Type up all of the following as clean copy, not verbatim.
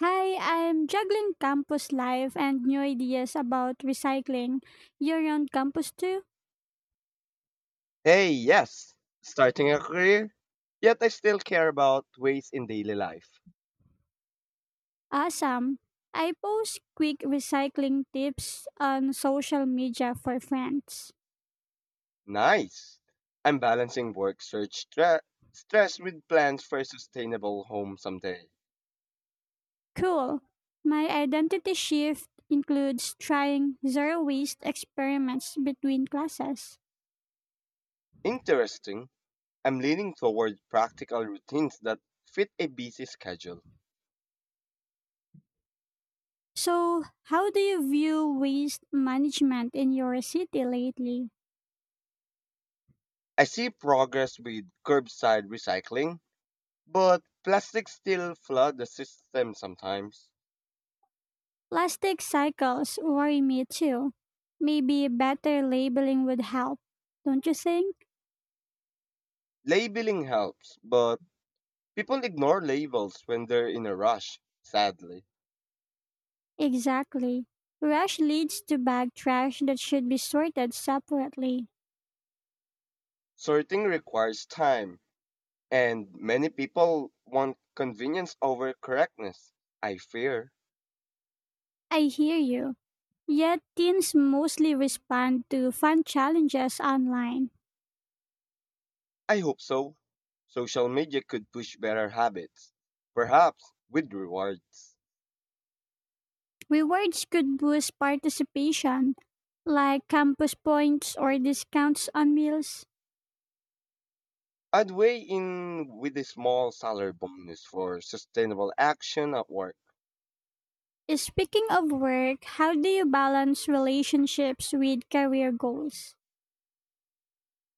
Hi, I'm juggling campus life and new ideas about recycling. You're on campus too? Hey, yes, starting a career, yet I still care about ways in daily life. Awesome. I post quick recycling tips on social media for friends. Nice. I'm balancing work search stress with plans for a sustainable home someday. Cool. My identity shift includes trying zero waste experiments between classes. Interesting. I'm leaning toward practical routines that fit a busy schedule. So, how do you view waste management in your city lately? I see progress with curbside recycling, but plastics still flood the system sometimes. Plastic cycles worry me too. Maybe better labeling would help, don't you think? Labeling helps, but people ignore labels when they're in a rush, sadly. Exactly. Rush leads to bag trash that should be sorted separately. Sorting requires time, and many people want convenience over correctness. I fear. I hear you. Yet teens mostly respond to fun challenges online. I hope so. Social media could push better habits, perhaps with rewards. Rewards could boost participation, like campus points or discounts on meals. I'd weigh in with a small salary bonus for sustainable action at work. Speaking of work, how do you balance relationships with career goals?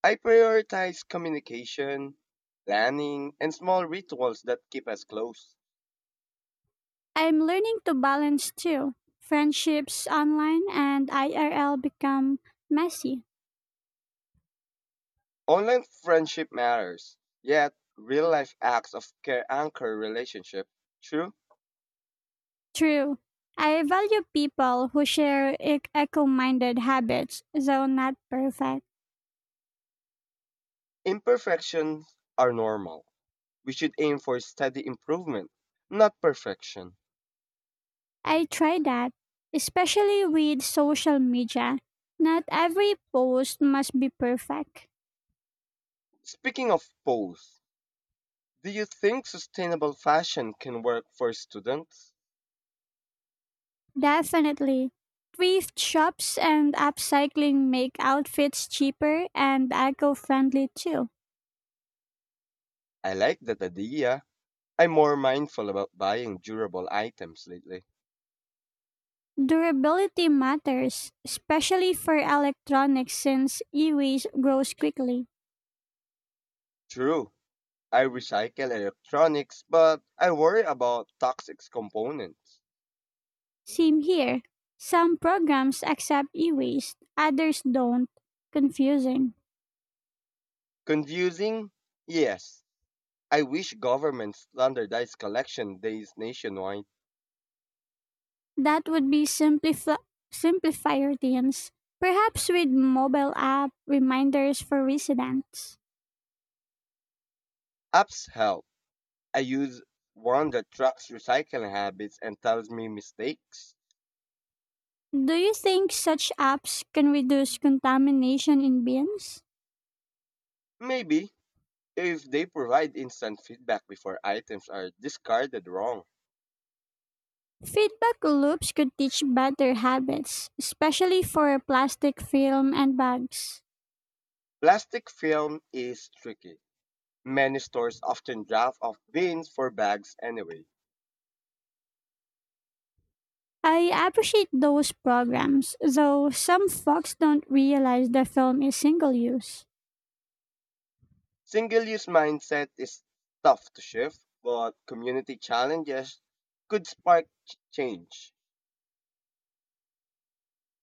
I prioritize communication, planning, and small rituals that keep us close. I'm learning to balance too. Friendships online and IRL become messy. Online friendship matters, yet real life acts of care anchor relationship. True, True. I value people who share eco minded habits, though not perfect. imperfections are normal. We should aim for steady improvement, not perfection. I try that, especially with social media. Not every post must be perfect. Speaking of pose, do you think sustainable fashion can work for students? Definitely. Thrift shops and upcycling make outfits cheaper and eco friendly too. I like that idea. I'm more mindful about buying durable items lately. Durability matters, especially for electronics since e-waste grows quickly. True, I recycle electronics, but I worry about toxic components. Same here. Some programs accept e-waste, others don't. Confusing. Confusing? Yes, I wish governments standardized collection days nationwide. That would be simplify routines, perhaps with mobile app reminders for residents. Apps help. I use one that tracks recycling habits and tells me mistakes. Do you think such apps can reduce contamination in bins? Maybe if they provide instant feedback before items are discarded wrong. Feedback loops could teach better habits, especially for plastic film and bags. Plastic film is tricky. Many stores often draft off bins for bags anyway. I appreciate those programs, though some folks don't realize the film is single use. Single use mindset is tough to shift, but community challenges could spark change.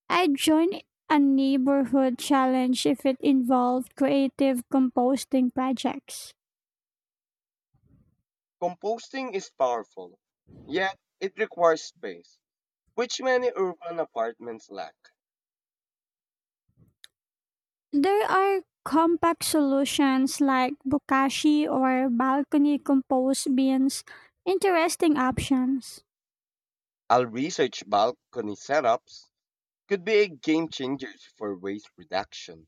I'd join a neighborhood challenge if it involved creative composting projects. Composting is powerful, yet it requires space, which many urban apartments lack. There are compact solutions like bokashi or balcony compost bins, interesting options. Our research balcony setups could be a game changer for waste reduction.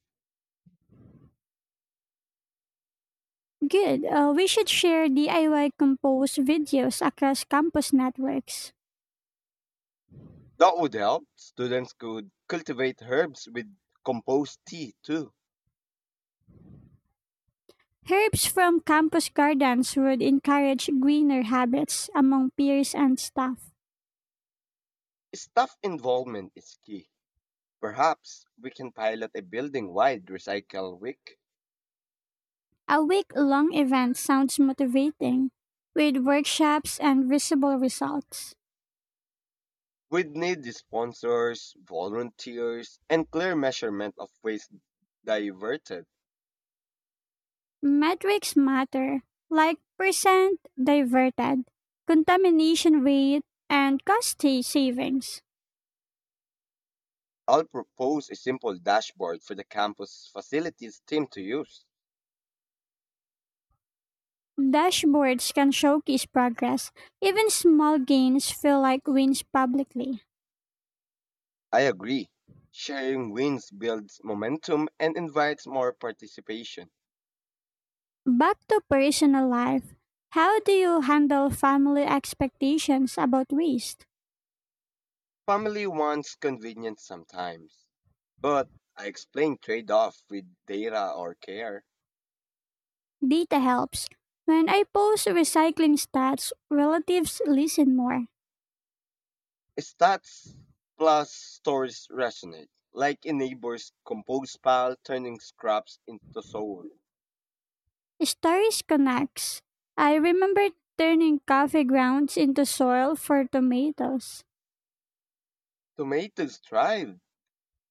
Good. We should share DIY compost videos across campus networks. That would help. Students could cultivate herbs with compost tea too. Herbs from campus gardens would encourage greener habits among peers and staff. Staff involvement is key. Perhaps we can pilot a building wide recycle week. A week long event sounds motivating, with workshops and visible results. We'd need the sponsors, volunteers, and clear measurement of waste diverted. Metrics matter, like percent diverted, contamination rate, and cost savings. I'll propose a simple dashboard for the campus facilities team to use. Dashboards can showcase progress. Even small gains feel like wins publicly. I agree. Sharing wins builds momentum and invites more participation. Back to personal life. How do you handle family expectations about waste? Family wants convenience sometimes, but I explain trade off with data or care. Data helps. When I post recycling stats, relatives listen more. Stats plus stories resonate, like a neighbor's compost pile turning scraps into soil. Stories connects. I remember turning coffee grounds into soil for tomatoes. Tomatoes thrive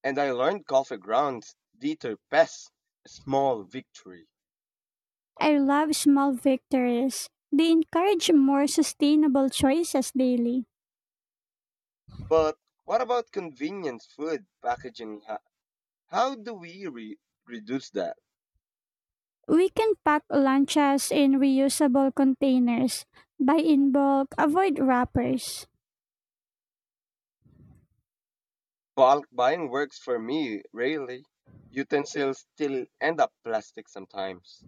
and I learned golf grounds. Dieter Pes, a small victory. I love small victories. They encourage more sustainable choices daily. But what about convenience food packaging? How do we reduce that? We can pack lanchas in reusable containers, buy in bulk, avoid wrappers. Bulk buying works for me, really. Utensils still end up plastic sometimes.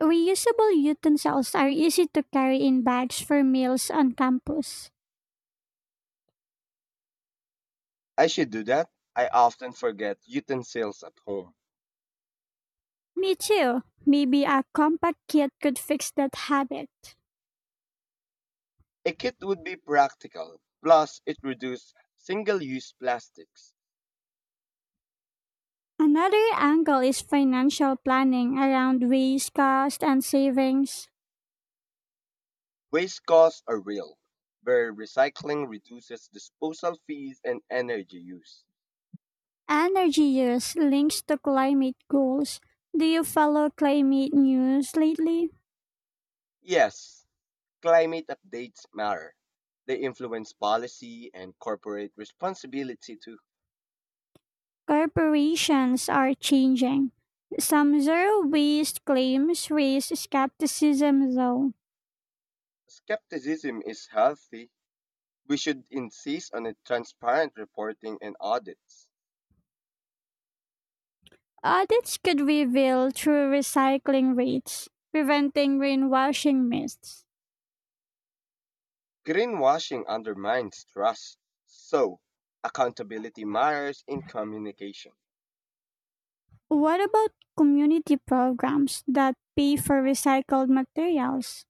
Reusable utensils are easy to carry in bags for meals on campus. I should do that. I often forget utensils at home. Me too. Maybe a compact kit could fix that habit. A kit would be practical, plus, it reduces single use plastics. Another angle is financial planning around waste, cost, and savings. Waste costs are real, where recycling reduces disposal fees and energy use. Energy use links to climate goals. Do you follow climate news lately? Yes, climate updates matter. They influence policy and corporate responsibility too. Corporations are changing. Some zero waste claims raise skepticism, though. Skepticism is healthy. We should insist on a transparent reporting and audits. Audits could reveal true recycling rates, preventing greenwashing myths. Greenwashing undermines trust. So, accountability matters in communication. What about community programs that pay for recycled materials?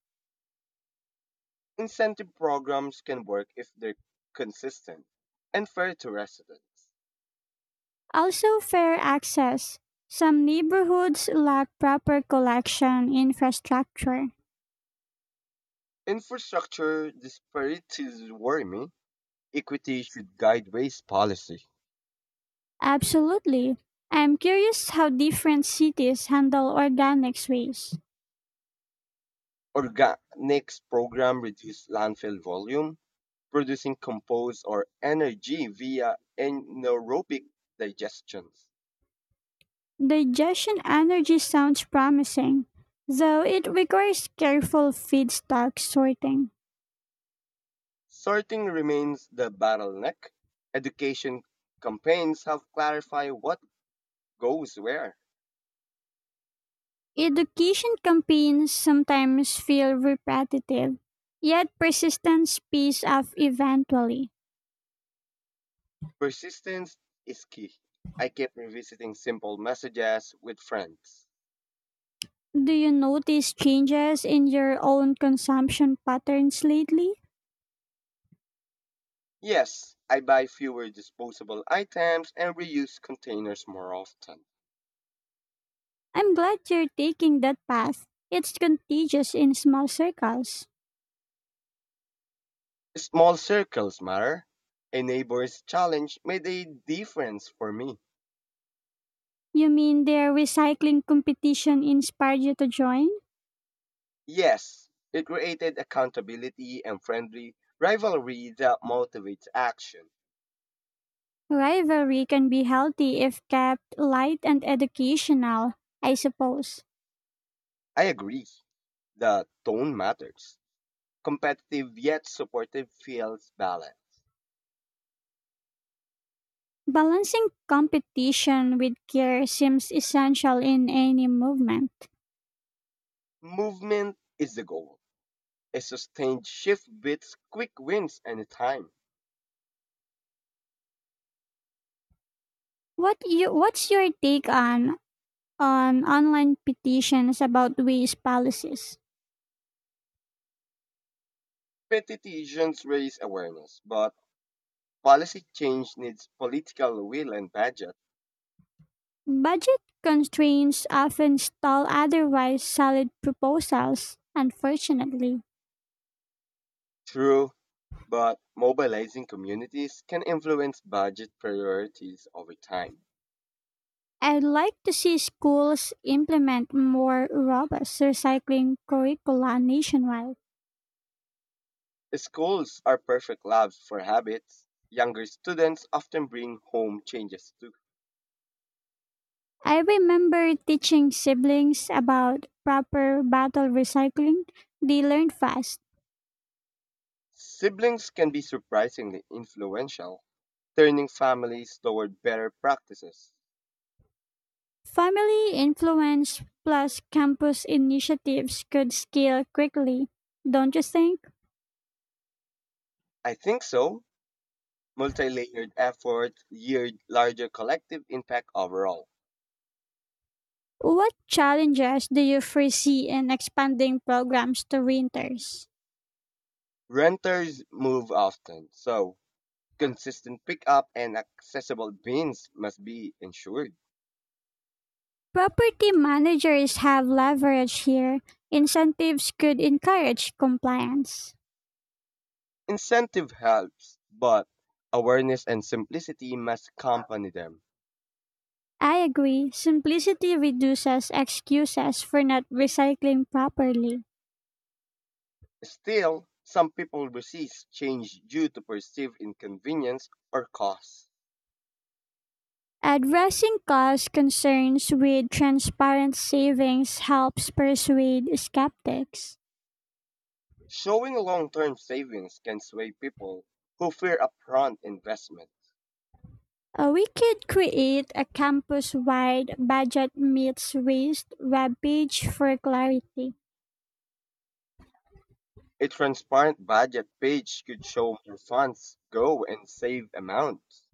Incentive programs can work if they're consistent and fair to residents. Also, fair access. Some neighborhoods lack proper collection infrastructure. Infrastructure disparities worry me. Equity should guide waste policy. Absolutely. I'm curious how different cities handle organics waste. Organics program reduce landfill volume, producing compost or energy via anaerobic digestions. Digestion energy sounds promising, though it requires careful feedstock sorting. Sorting remains the bottleneck. Education campaigns have clarified what goes where. Education campaigns sometimes feel repetitive, yet persistence pays off eventually. Persistence is key. I keep revisiting simple messages with friends. Do you notice changes in your own consumption patterns lately? Yes, I buy fewer disposable items and reuse containers more often. I'm glad you're taking that path. It's contagious in small circles. Small circles matter. A neighbor's challenge made a difference for me. You mean their recycling competition inspired you to join? Yes, it created accountability and friendly rivalry that motivates action. Rivalry can be healthy if kept light and educational, I suppose. I agree. The tone matters. Competitive yet supportive feels balanced. Balancing competition with care seems essential in any movement. Movement is the goal. A sustained shift beats quick wins anytime. What's your take on online petitions about waste policies? Petitions raise awareness, but policy change needs political will and budget. Budget constraints often stall otherwise solid proposals, unfortunately. True, but mobilizing communities can influence budget priorities over time. I'd like to see schools implement more robust recycling curricula nationwide. Schools are perfect labs for habits. Younger students often bring home changes too. I remember teaching siblings about proper bottle recycling. They learned fast. Siblings can be surprisingly influential, turning families toward better practices. Family influence plus campus initiatives could scale quickly, don't you think? I think so. Multi-layered efforts yield larger collective impact overall. What challenges do you foresee in expanding programs to renters? Renters move often, so consistent pickup and accessible bins must be ensured. Property managers have leverage here. Incentives could encourage compliance. Incentive helps, but awareness and simplicity must accompany them. I agree, simplicity reduces excuses for not recycling properly. Still, some people resist change due to perceived inconvenience or cost. Addressing cost concerns with transparent savings helps persuade skeptics. Showing long-term savings can sway people who fear upfront investment. We could create a campus wide budget meets waste webpage for clarity. A transparent budget page could show where funds go and save amounts.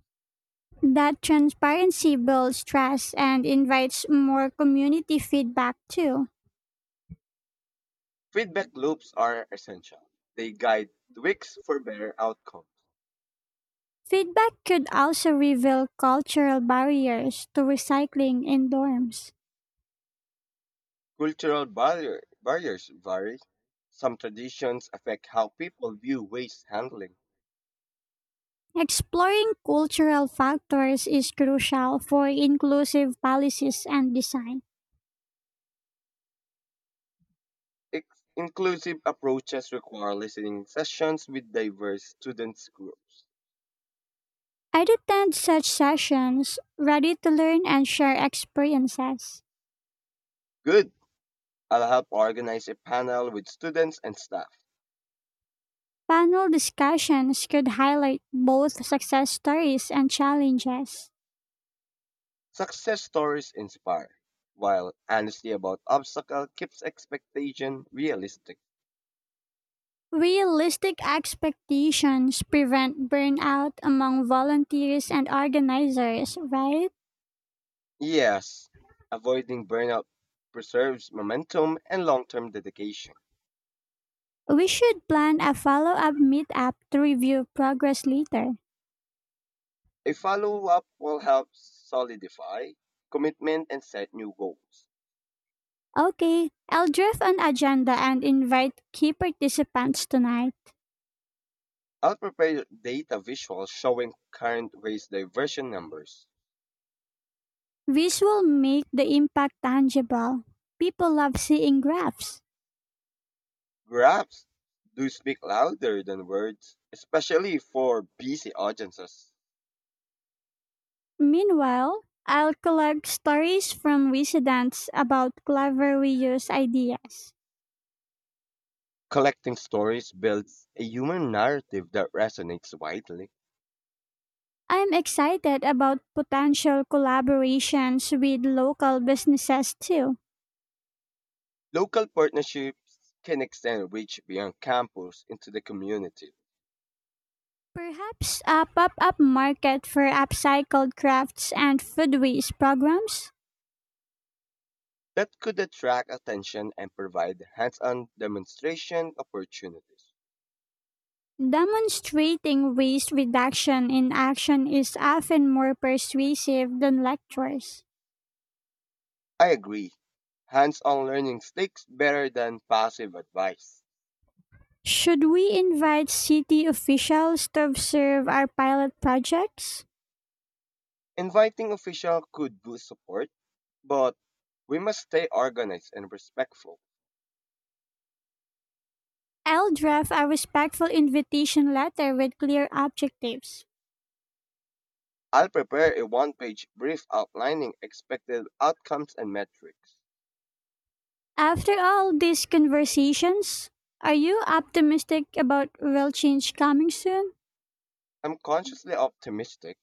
That transparency builds trust and invites more community feedback too. Feedback loops are essential. They guide tweaks for better outcomes. Feedback could also reveal cultural barriers to recycling in dorms. Cultural barriers vary. Some traditions affect how people view waste handling. Exploring cultural factors is crucial for inclusive policies and design. Inclusive approaches require listening sessions with diverse students groups. I'd attend such sessions, ready to learn and share experiences. Good. I'll help organize a panel with students and staff. Panel discussions could highlight both success stories and challenges. Success stories inspire, while honesty about obstacle keeps expectation realistic. Realistic expectations prevent burnout among volunteers and organizers, right? Yes, avoiding burnout preserves momentum and long-term dedication. We should plan a follow up meetup to review progress later. A follow-up will help solidify commitment and set new goals. Okay, I'll draft an agenda and invite key participants tonight. I'll prepare data visuals showing current waste diversion numbers. This will make the impact tangible. People love seeing graphs. Graphs do speak louder than words, especially for busy audiences. Meanwhile, I'll collect stories from residents about clever reuse ideas. Collecting stories builds a human narrative that resonates widely. I'm excited about potential collaborations with local businesses too. Local partnerships can extend reach beyond campus into the community. Perhaps a pop up market for upcycled crafts and food waste programs? That could attract attention and provide hands on demonstration opportunities. Demonstrating waste reduction in action is often more persuasive than lectures. I agree. Hands on learning sticks better than passive advice. Should we invite city officials to observe our pilot projects? Inviting official could boost support, but we must stay organized and respectful. I'll draft a respectful invitation letter with clear objectives. I'll prepare a one page brief outlining expected outcomes and metrics. After all these conversations, are you optimistic about real change coming soon? I'm consciously optimistic.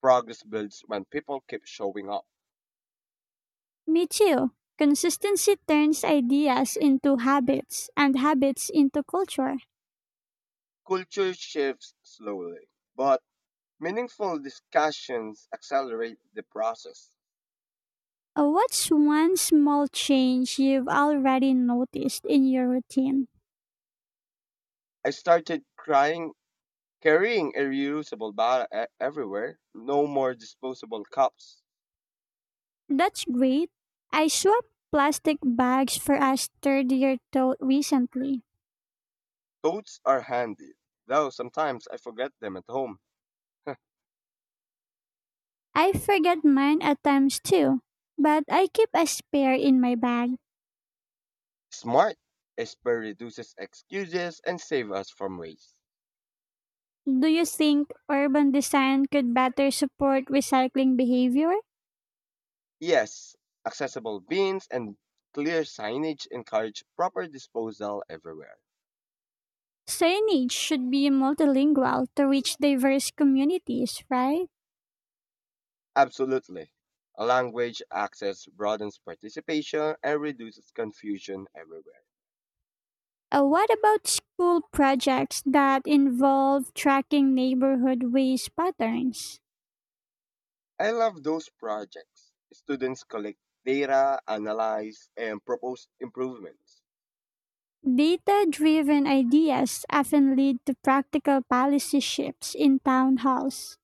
Progress builds when people keep showing up. Me too. Consistency turns ideas into habits and habits into culture. Culture shifts slowly, but meaningful discussions accelerate the process. What's one small change you've already noticed in your routine? I started crying, carrying a reusable bottle everywhere. No more disposable cups. That's great. I swapped plastic bags for a sturdier tote recently. Totes are handy, though sometimes I forget them at home. I forget mine at times too, but I keep a spare in my bag. Smart. Esper reduces excuses and saves us from waste. Do you think urban design could better support recycling behavior? Yes, accessible bins and clear signage encourage proper disposal everywhere. Signage should be multilingual to reach diverse communities, right? Absolutely. Language access broadens participation and reduces confusion everywhere. What about school projects that involve tracking neighborhood waste patterns? I love those projects. Students collect data, analyze, and propose improvements. Data driven ideas often lead to practical policy shifts in town halls.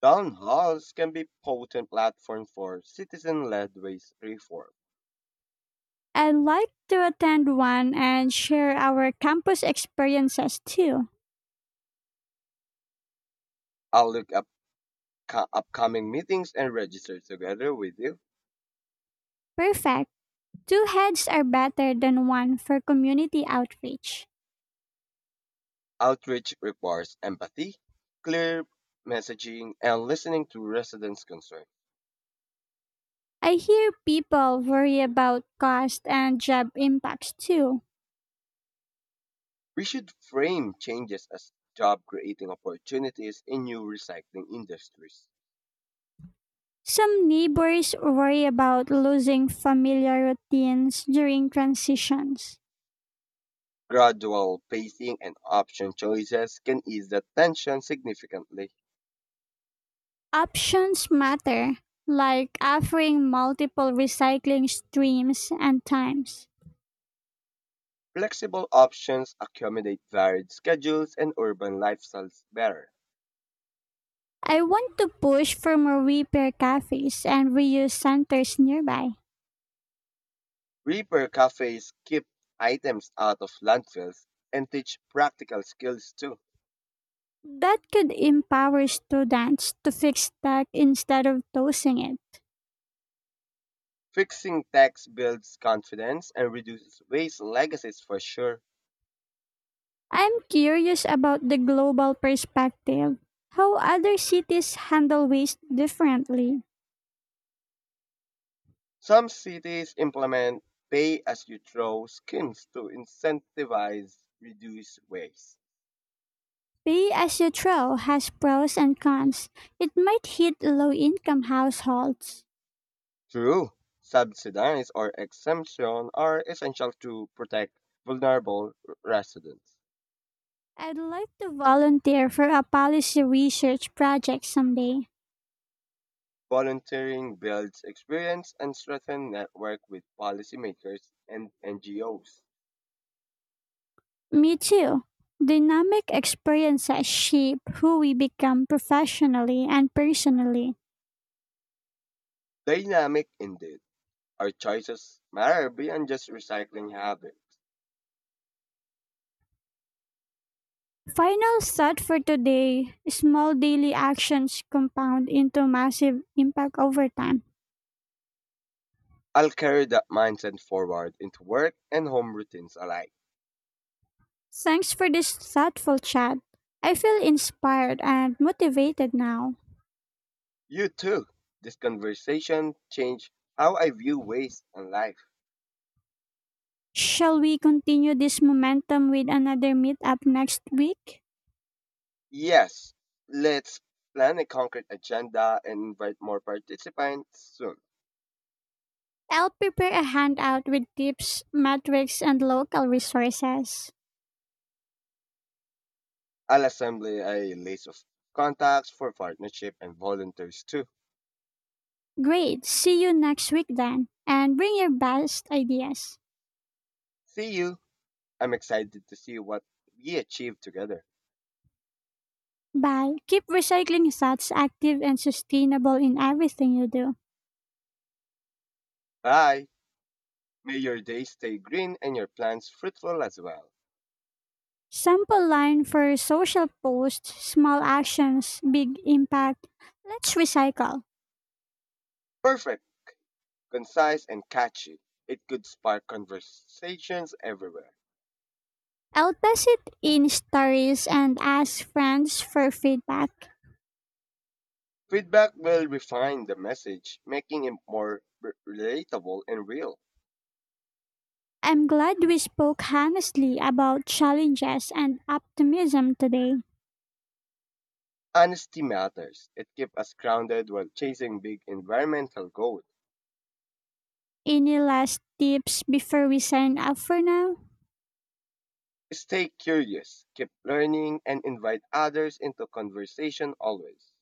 Town halls can be potent platforms for citizen-led waste reform. I'd like to attend one and share our campus experiences too. I'll look up upcoming meetings and register together with you. Perfect. Two heads are better than one for community outreach. Outreach requires empathy, clear messaging, and listening to residents' concerns. I hear people worry about cost and job impacts too. We should frame changes as job creating opportunities in new recycling industries. Some neighbors worry about losing familiar routines during transitions. Gradual pacing and option choices can ease the tension significantly. Options matter, like offering multiple recycling streams and times. Flexible options accommodate varied schedules and urban lifestyles better. I want to push for more repair cafes and reuse centers nearby. Repair cafes keep items out of landfills and teach practical skills too. That could empower students to fix tech instead of tossing it. Fixing tax builds confidence and reduces waste legacies for sure. I'm curious about the global perspective, how other cities handle waste differently. Some cities implement pay as you throw schemes to incentivize reduced waste. Pay as you throw has pros and cons. It might hit low income households. True, subsidies or exemption are essential to protect vulnerable residents. I'd like to volunteer for a policy research project someday. Volunteering builds experience and strengthens network with policymakers and NGOs. Me too. Dynamic experiences shape who we become professionally and personally. Dynamic indeed. Our choices matter beyond just recycling habits. Final thought for today small daily actions compound into massive impact over time. I'll carry that mindset forward into work and home routines alike. Thanks for this thoughtful chat. I feel inspired and motivated now. You too. This conversation changed how I view waste and life. Shall we continue this momentum with another meetup next week? Yes, let's plan a concrete agenda and invite more participants soon. I'll prepare a handout with tips, metrics, and local resources. I'll assemble a list of contacts for partnership and volunteers too. Great. See you next week then. And bring your best ideas. See you. I'm excited to see what we achieve together. Bye. Keep recycling thoughts active and sustainable in everything you do. Bye. May your day stay green and your plans fruitful as well. Sample line for social posts, small actions, big impact. Let's recycle. Perfect. Concise and catchy. It could spark conversations everywhere. I'll test it in stories and ask friends for feedback. Feedback will refine the message, making it more relatable and real. I'm glad we spoke honestly about challenges and optimism today. Honesty matters. It keeps us grounded while chasing big environmental goals. Any last tips before we sign off for now? Stay curious, keep learning, and invite others into conversation always.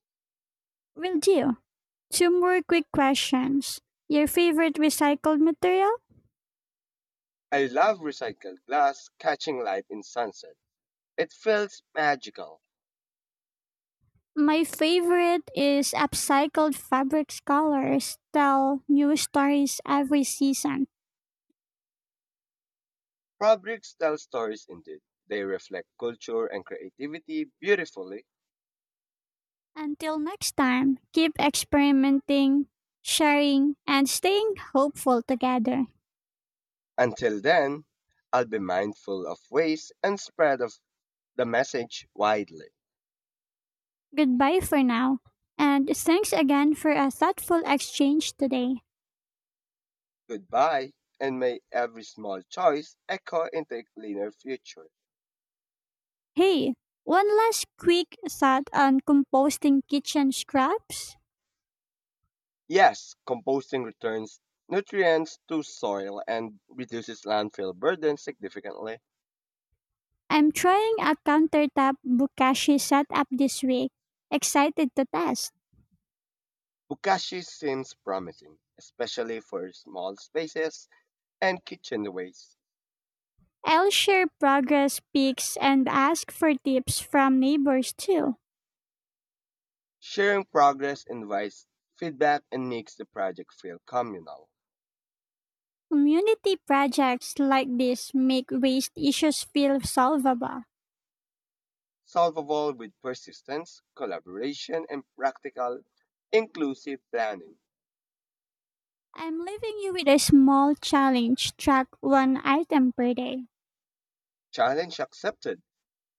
Will do. Two more quick questions. Your favorite recycled material? I love recycled glass catching light in sunset. It feels magical. My favorite is upcycled fabric colors tell new stories every season. Fabrics tell stories indeed. They reflect culture and creativity beautifully. Until next time, keep experimenting, sharing, and staying hopeful together. Until then, I'll be mindful of waste and spread of the message widely. Goodbye for now, and thanks again for a thoughtful exchange today. Goodbye, and may every small choice echo into a cleaner future. Hey, one last quick thought on composting kitchen scraps. Yes, composting returns nutrients to soil and reduces landfill burden significantly. I'm trying a countertop bokashi setup this week. Excited to test. Bukashi seems promising, especially for small spaces and kitchen waste. I'll share progress pics and ask for tips from neighbors too. Sharing progress invites feedback and makes the project feel communal. Community projects like this make waste issues feel solvable. Solvable with persistence, collaboration, and practical, inclusive planning. I'm leaving you with a small challenge track one item per day. Challenge accepted.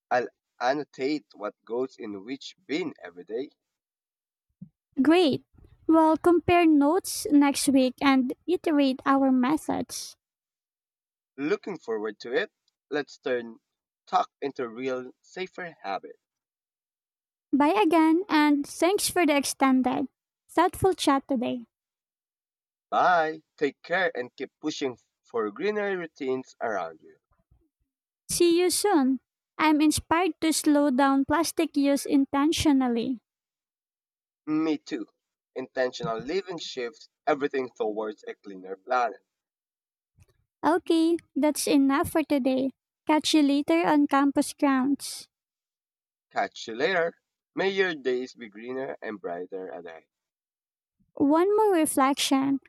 I'll annotate what goes in which bin every day. Great. We'll compare notes next week and iterate our methods. Looking forward to it. Let's turn talk into a real, safer habit. Bye again, and thanks for the extended, thoughtful chat today. Bye. Take care and keep pushing for greener routines around you. See you soon. I'm inspired to slow down plastic use intentionally. Me too. Intentional living shifts everything towards a cleaner planet. Okay, that's enough for today. Catch you later on campus grounds. Catch you later. May your days be greener and brighter a day. One more reflection.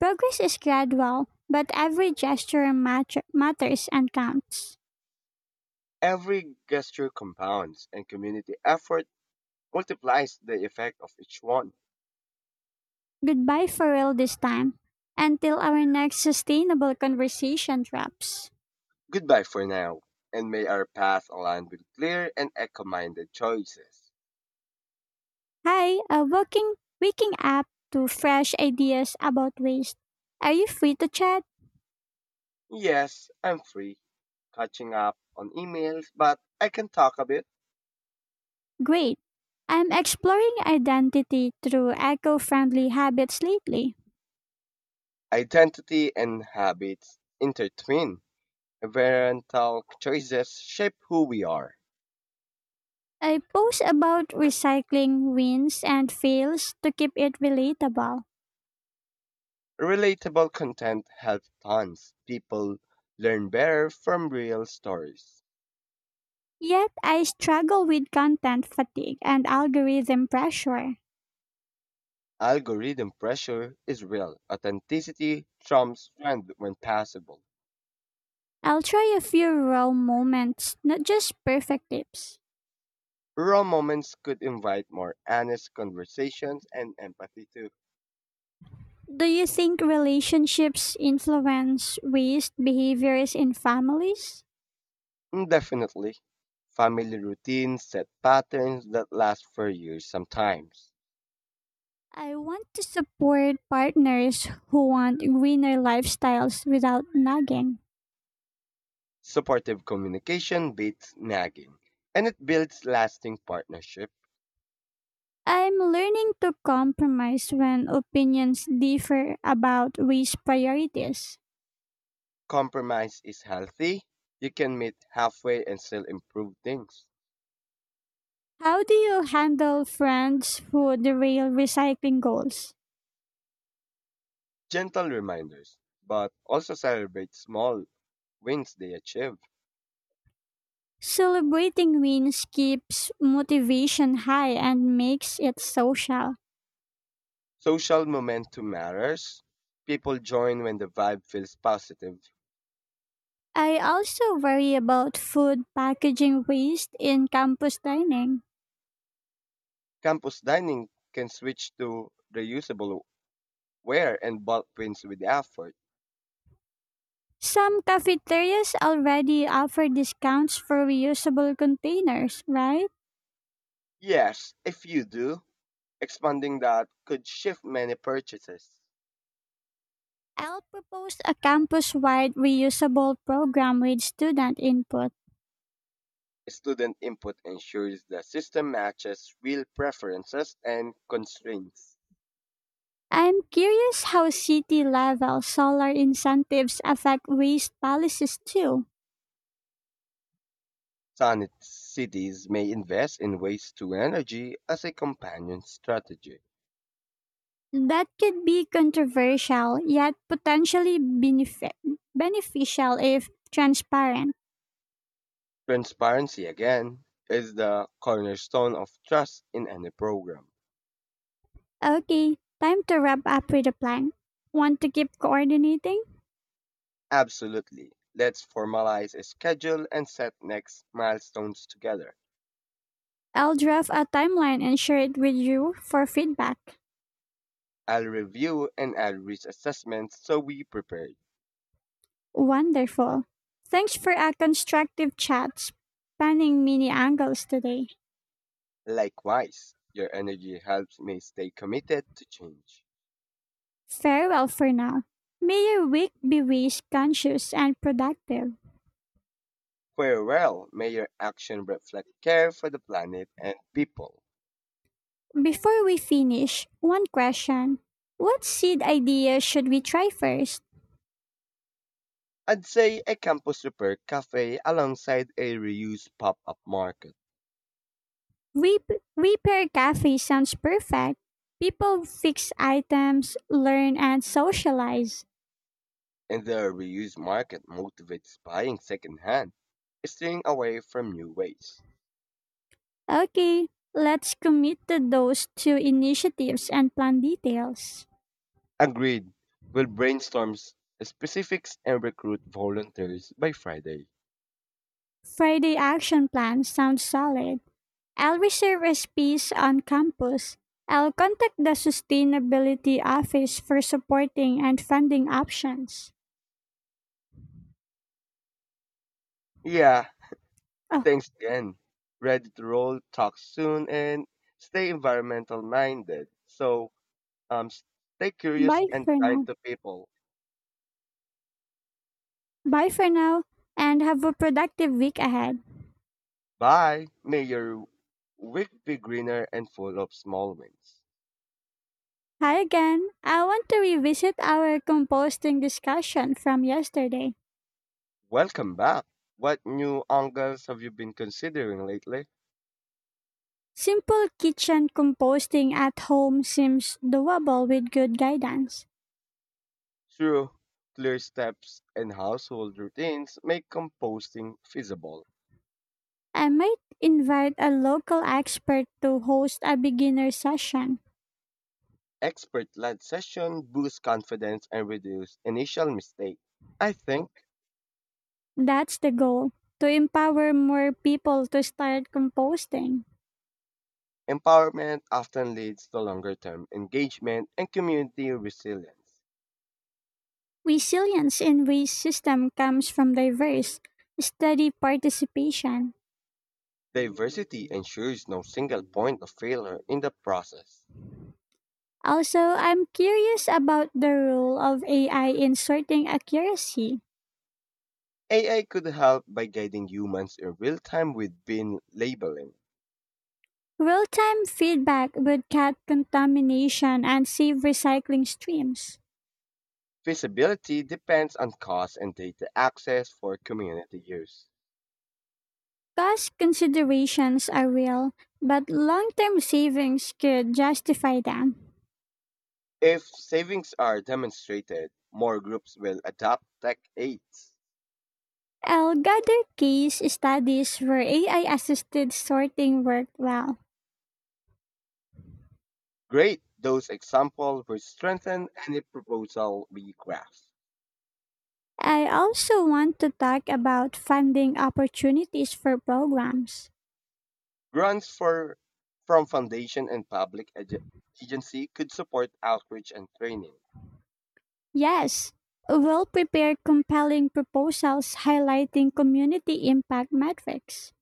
Progress is gradual, but every matters and counts. Every gesture compounds, and community effort multiplies the effect of each one. Goodbye for real this time. Until our next sustainable conversation wraps. Goodbye for now, and may our path align with clear and eco minded choices. Hi, waking up to fresh ideas about waste. Are you free to chat? Yes, I'm free, catching up on emails, but I can talk a bit. Great. I'm exploring identity through eco-friendly habits lately. Identity and habits intertwine. Environmental choices shape who we are. I post about recycling wins and fails to keep it relatable. Relatable content helps tons. People learn better from real stories. Yet I struggle with content fatigue and algorithm pressure. Algorithm pressure is real. Authenticity trumps trend when possible. I'll try a few raw moments, not just perfect tips. Raw moments could invite more honest conversations and empathy too. Do you think relationships influence waste behaviors in families? Definitely. Family routines set patterns that last for years sometimes. I want to support partners who want greener lifestyles without nagging. Supportive communication beats nagging, and it builds lasting partnership. I'm learning to compromise when opinions differ about waste priorities. Compromise is healthy. You can meet halfway and still improve things. How do you handle friends who derail recycling goals? Gentle reminders, but also celebrate small wins they achieve. Celebrating wins keeps motivation high and makes it social. Social momentum matters. People join when the vibe feels positive. I also worry about food packaging waste in campus dining. Campus dining can switch to reusable ware and bulk wins with effort. Some cafeterias already offer discounts for reusable containers, right? Yes, if you do, expanding that could shift many purchases. I'll propose a campus wide reusable program with student input. Student input ensures the system matches real preferences and constraints. I'm curious how city level solar incentives affect waste policies too. Summit cities may invest in waste to energy as a companion strategy. That could be controversial, yet potentially beneficial if transparent. Transparency, again, is the cornerstone of trust in any program. Okay, time to wrap up with a plan. Want to keep coordinating? Absolutely. Let's formalize a schedule and set next milestones together. I'll draft a timeline and share it with you for feedback. I'll review and I'll reach assessments so we prepare. Wonderful. Thanks for a constructive chat, spanning many angles today. Likewise, your energy helps me stay committed to change. Farewell for now. May your week be waste conscious and productive. Farewell, may your action reflect care for the planet and people. Before we finish, one question. What seed idea should we try first? I'd say a campus repair cafe alongside a reused pop-up market. We Repair Cafe sounds perfect. People fix items, learn, and socialize. In the reused market motivates buying secondhand, staying away from new waste. Okay, let's commit to those two initiatives and plan details. Agreed. We'll brainstorm specifics and recruit volunteers by Friday. Friday action plan sounds solid. I'll reserve a space on campus. I'll contact the sustainability office for supporting and funding options. Yeah, Oh, thanks again. Ready to roll, talk soon, and stay environmental minded. So, stay curious bye and for kind now. to people. Bye for now and have a productive week ahead. Bye. May your week be greener and full of small wins. Hi again. I want to revisit our composting discussion from yesterday. Welcome back. What new angles have you been considering lately? Simple kitchen composting at home seems doable with good guidance. True, clear steps and household routines make composting feasible. I might invite a local expert to host a beginner session. Expert led session boosts confidence and reduce initial mistake. I think That's the goal to empower more people to start composting. empowerment often leads to longer term engagement and community resilience. Resilience in waste system comes from diverse, steady participation. Diversity ensures no single point of failure in the process. Also, I'm curious about the role of AI in sorting accuracy. AI could help by guiding humans in real time with bin labeling. Real time feedback would cut contamination and save recycling streams. Feasibility depends on cost and data access for community use. Cost considerations are real, but long term savings could justify them. If savings are demonstrated, more groups will adopt tech aids. I'll gather case studies where AI assisted sorting worked well. Great! Those examples will strengthen any proposal we craft. I also want to talk about funding opportunities for programs. Grants for from foundation and public agency could support outreach and training. Yes, well prepared, compelling proposals highlighting community impact metrics.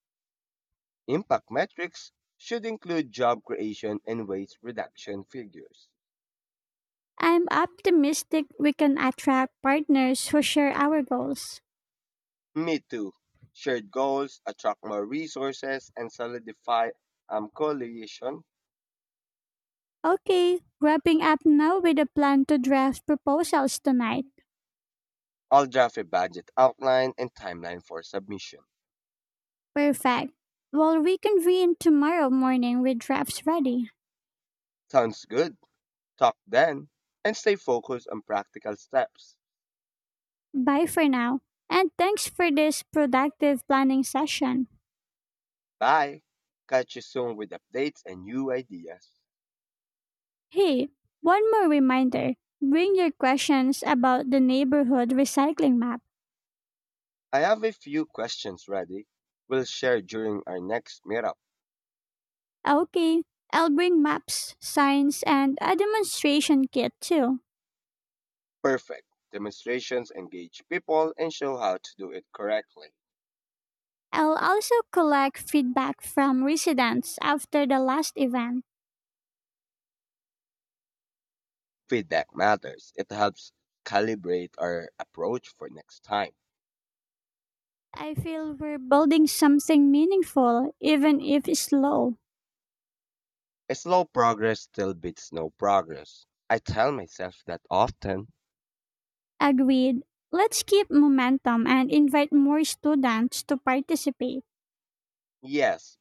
Impact metrics should include job creation and waste reduction figures. I'm optimistic we can attract partners who share our goals. Me too. Shared goals attract more resources and solidify coalition. Okay, wrapping up now with a plan to draft proposals tonight. I'll draft a budget outline and timeline for submission. Perfect. We'll reconvene tomorrow morning with drafts ready. Sounds good. Talk then and stay focused on practical steps. Bye for now, and thanks for this productive planning session. Bye. Catch you soon with updates and new ideas. Hey, one more reminder. Bring your questions about the neighborhood recycling map. I have a few questions ready. We'll share during our next meetup. Okay, I'll bring maps, signs, and a demonstration kit too. Perfect. Demonstrations engage people and show how to do it correctly. I'll also collect feedback from residents after the last event. Feedback matters. It helps calibrate our approach for next time. I feel we're building something meaningful, even if slow. Slow progress still beats no progress. I tell myself that often. Agreed. Let's keep momentum and invite more students to participate. Yes,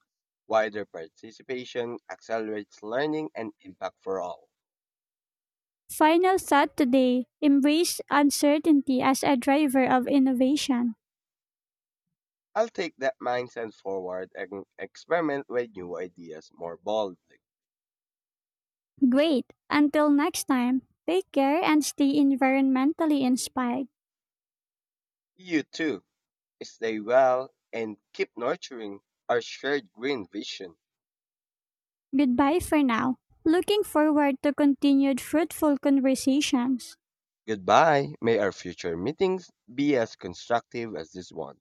wider participation accelerates learning and impact for all. Final thought today embrace uncertainty as a driver of innovation. I'll take that mindset forward and experiment with new ideas more boldly. Great. Until next time, take care and stay environmentally inspired. You too. Stay well and keep nurturing our shared green vision. Goodbye for now. Looking forward to continued fruitful conversations. Goodbye. May our future meetings be as constructive as this one.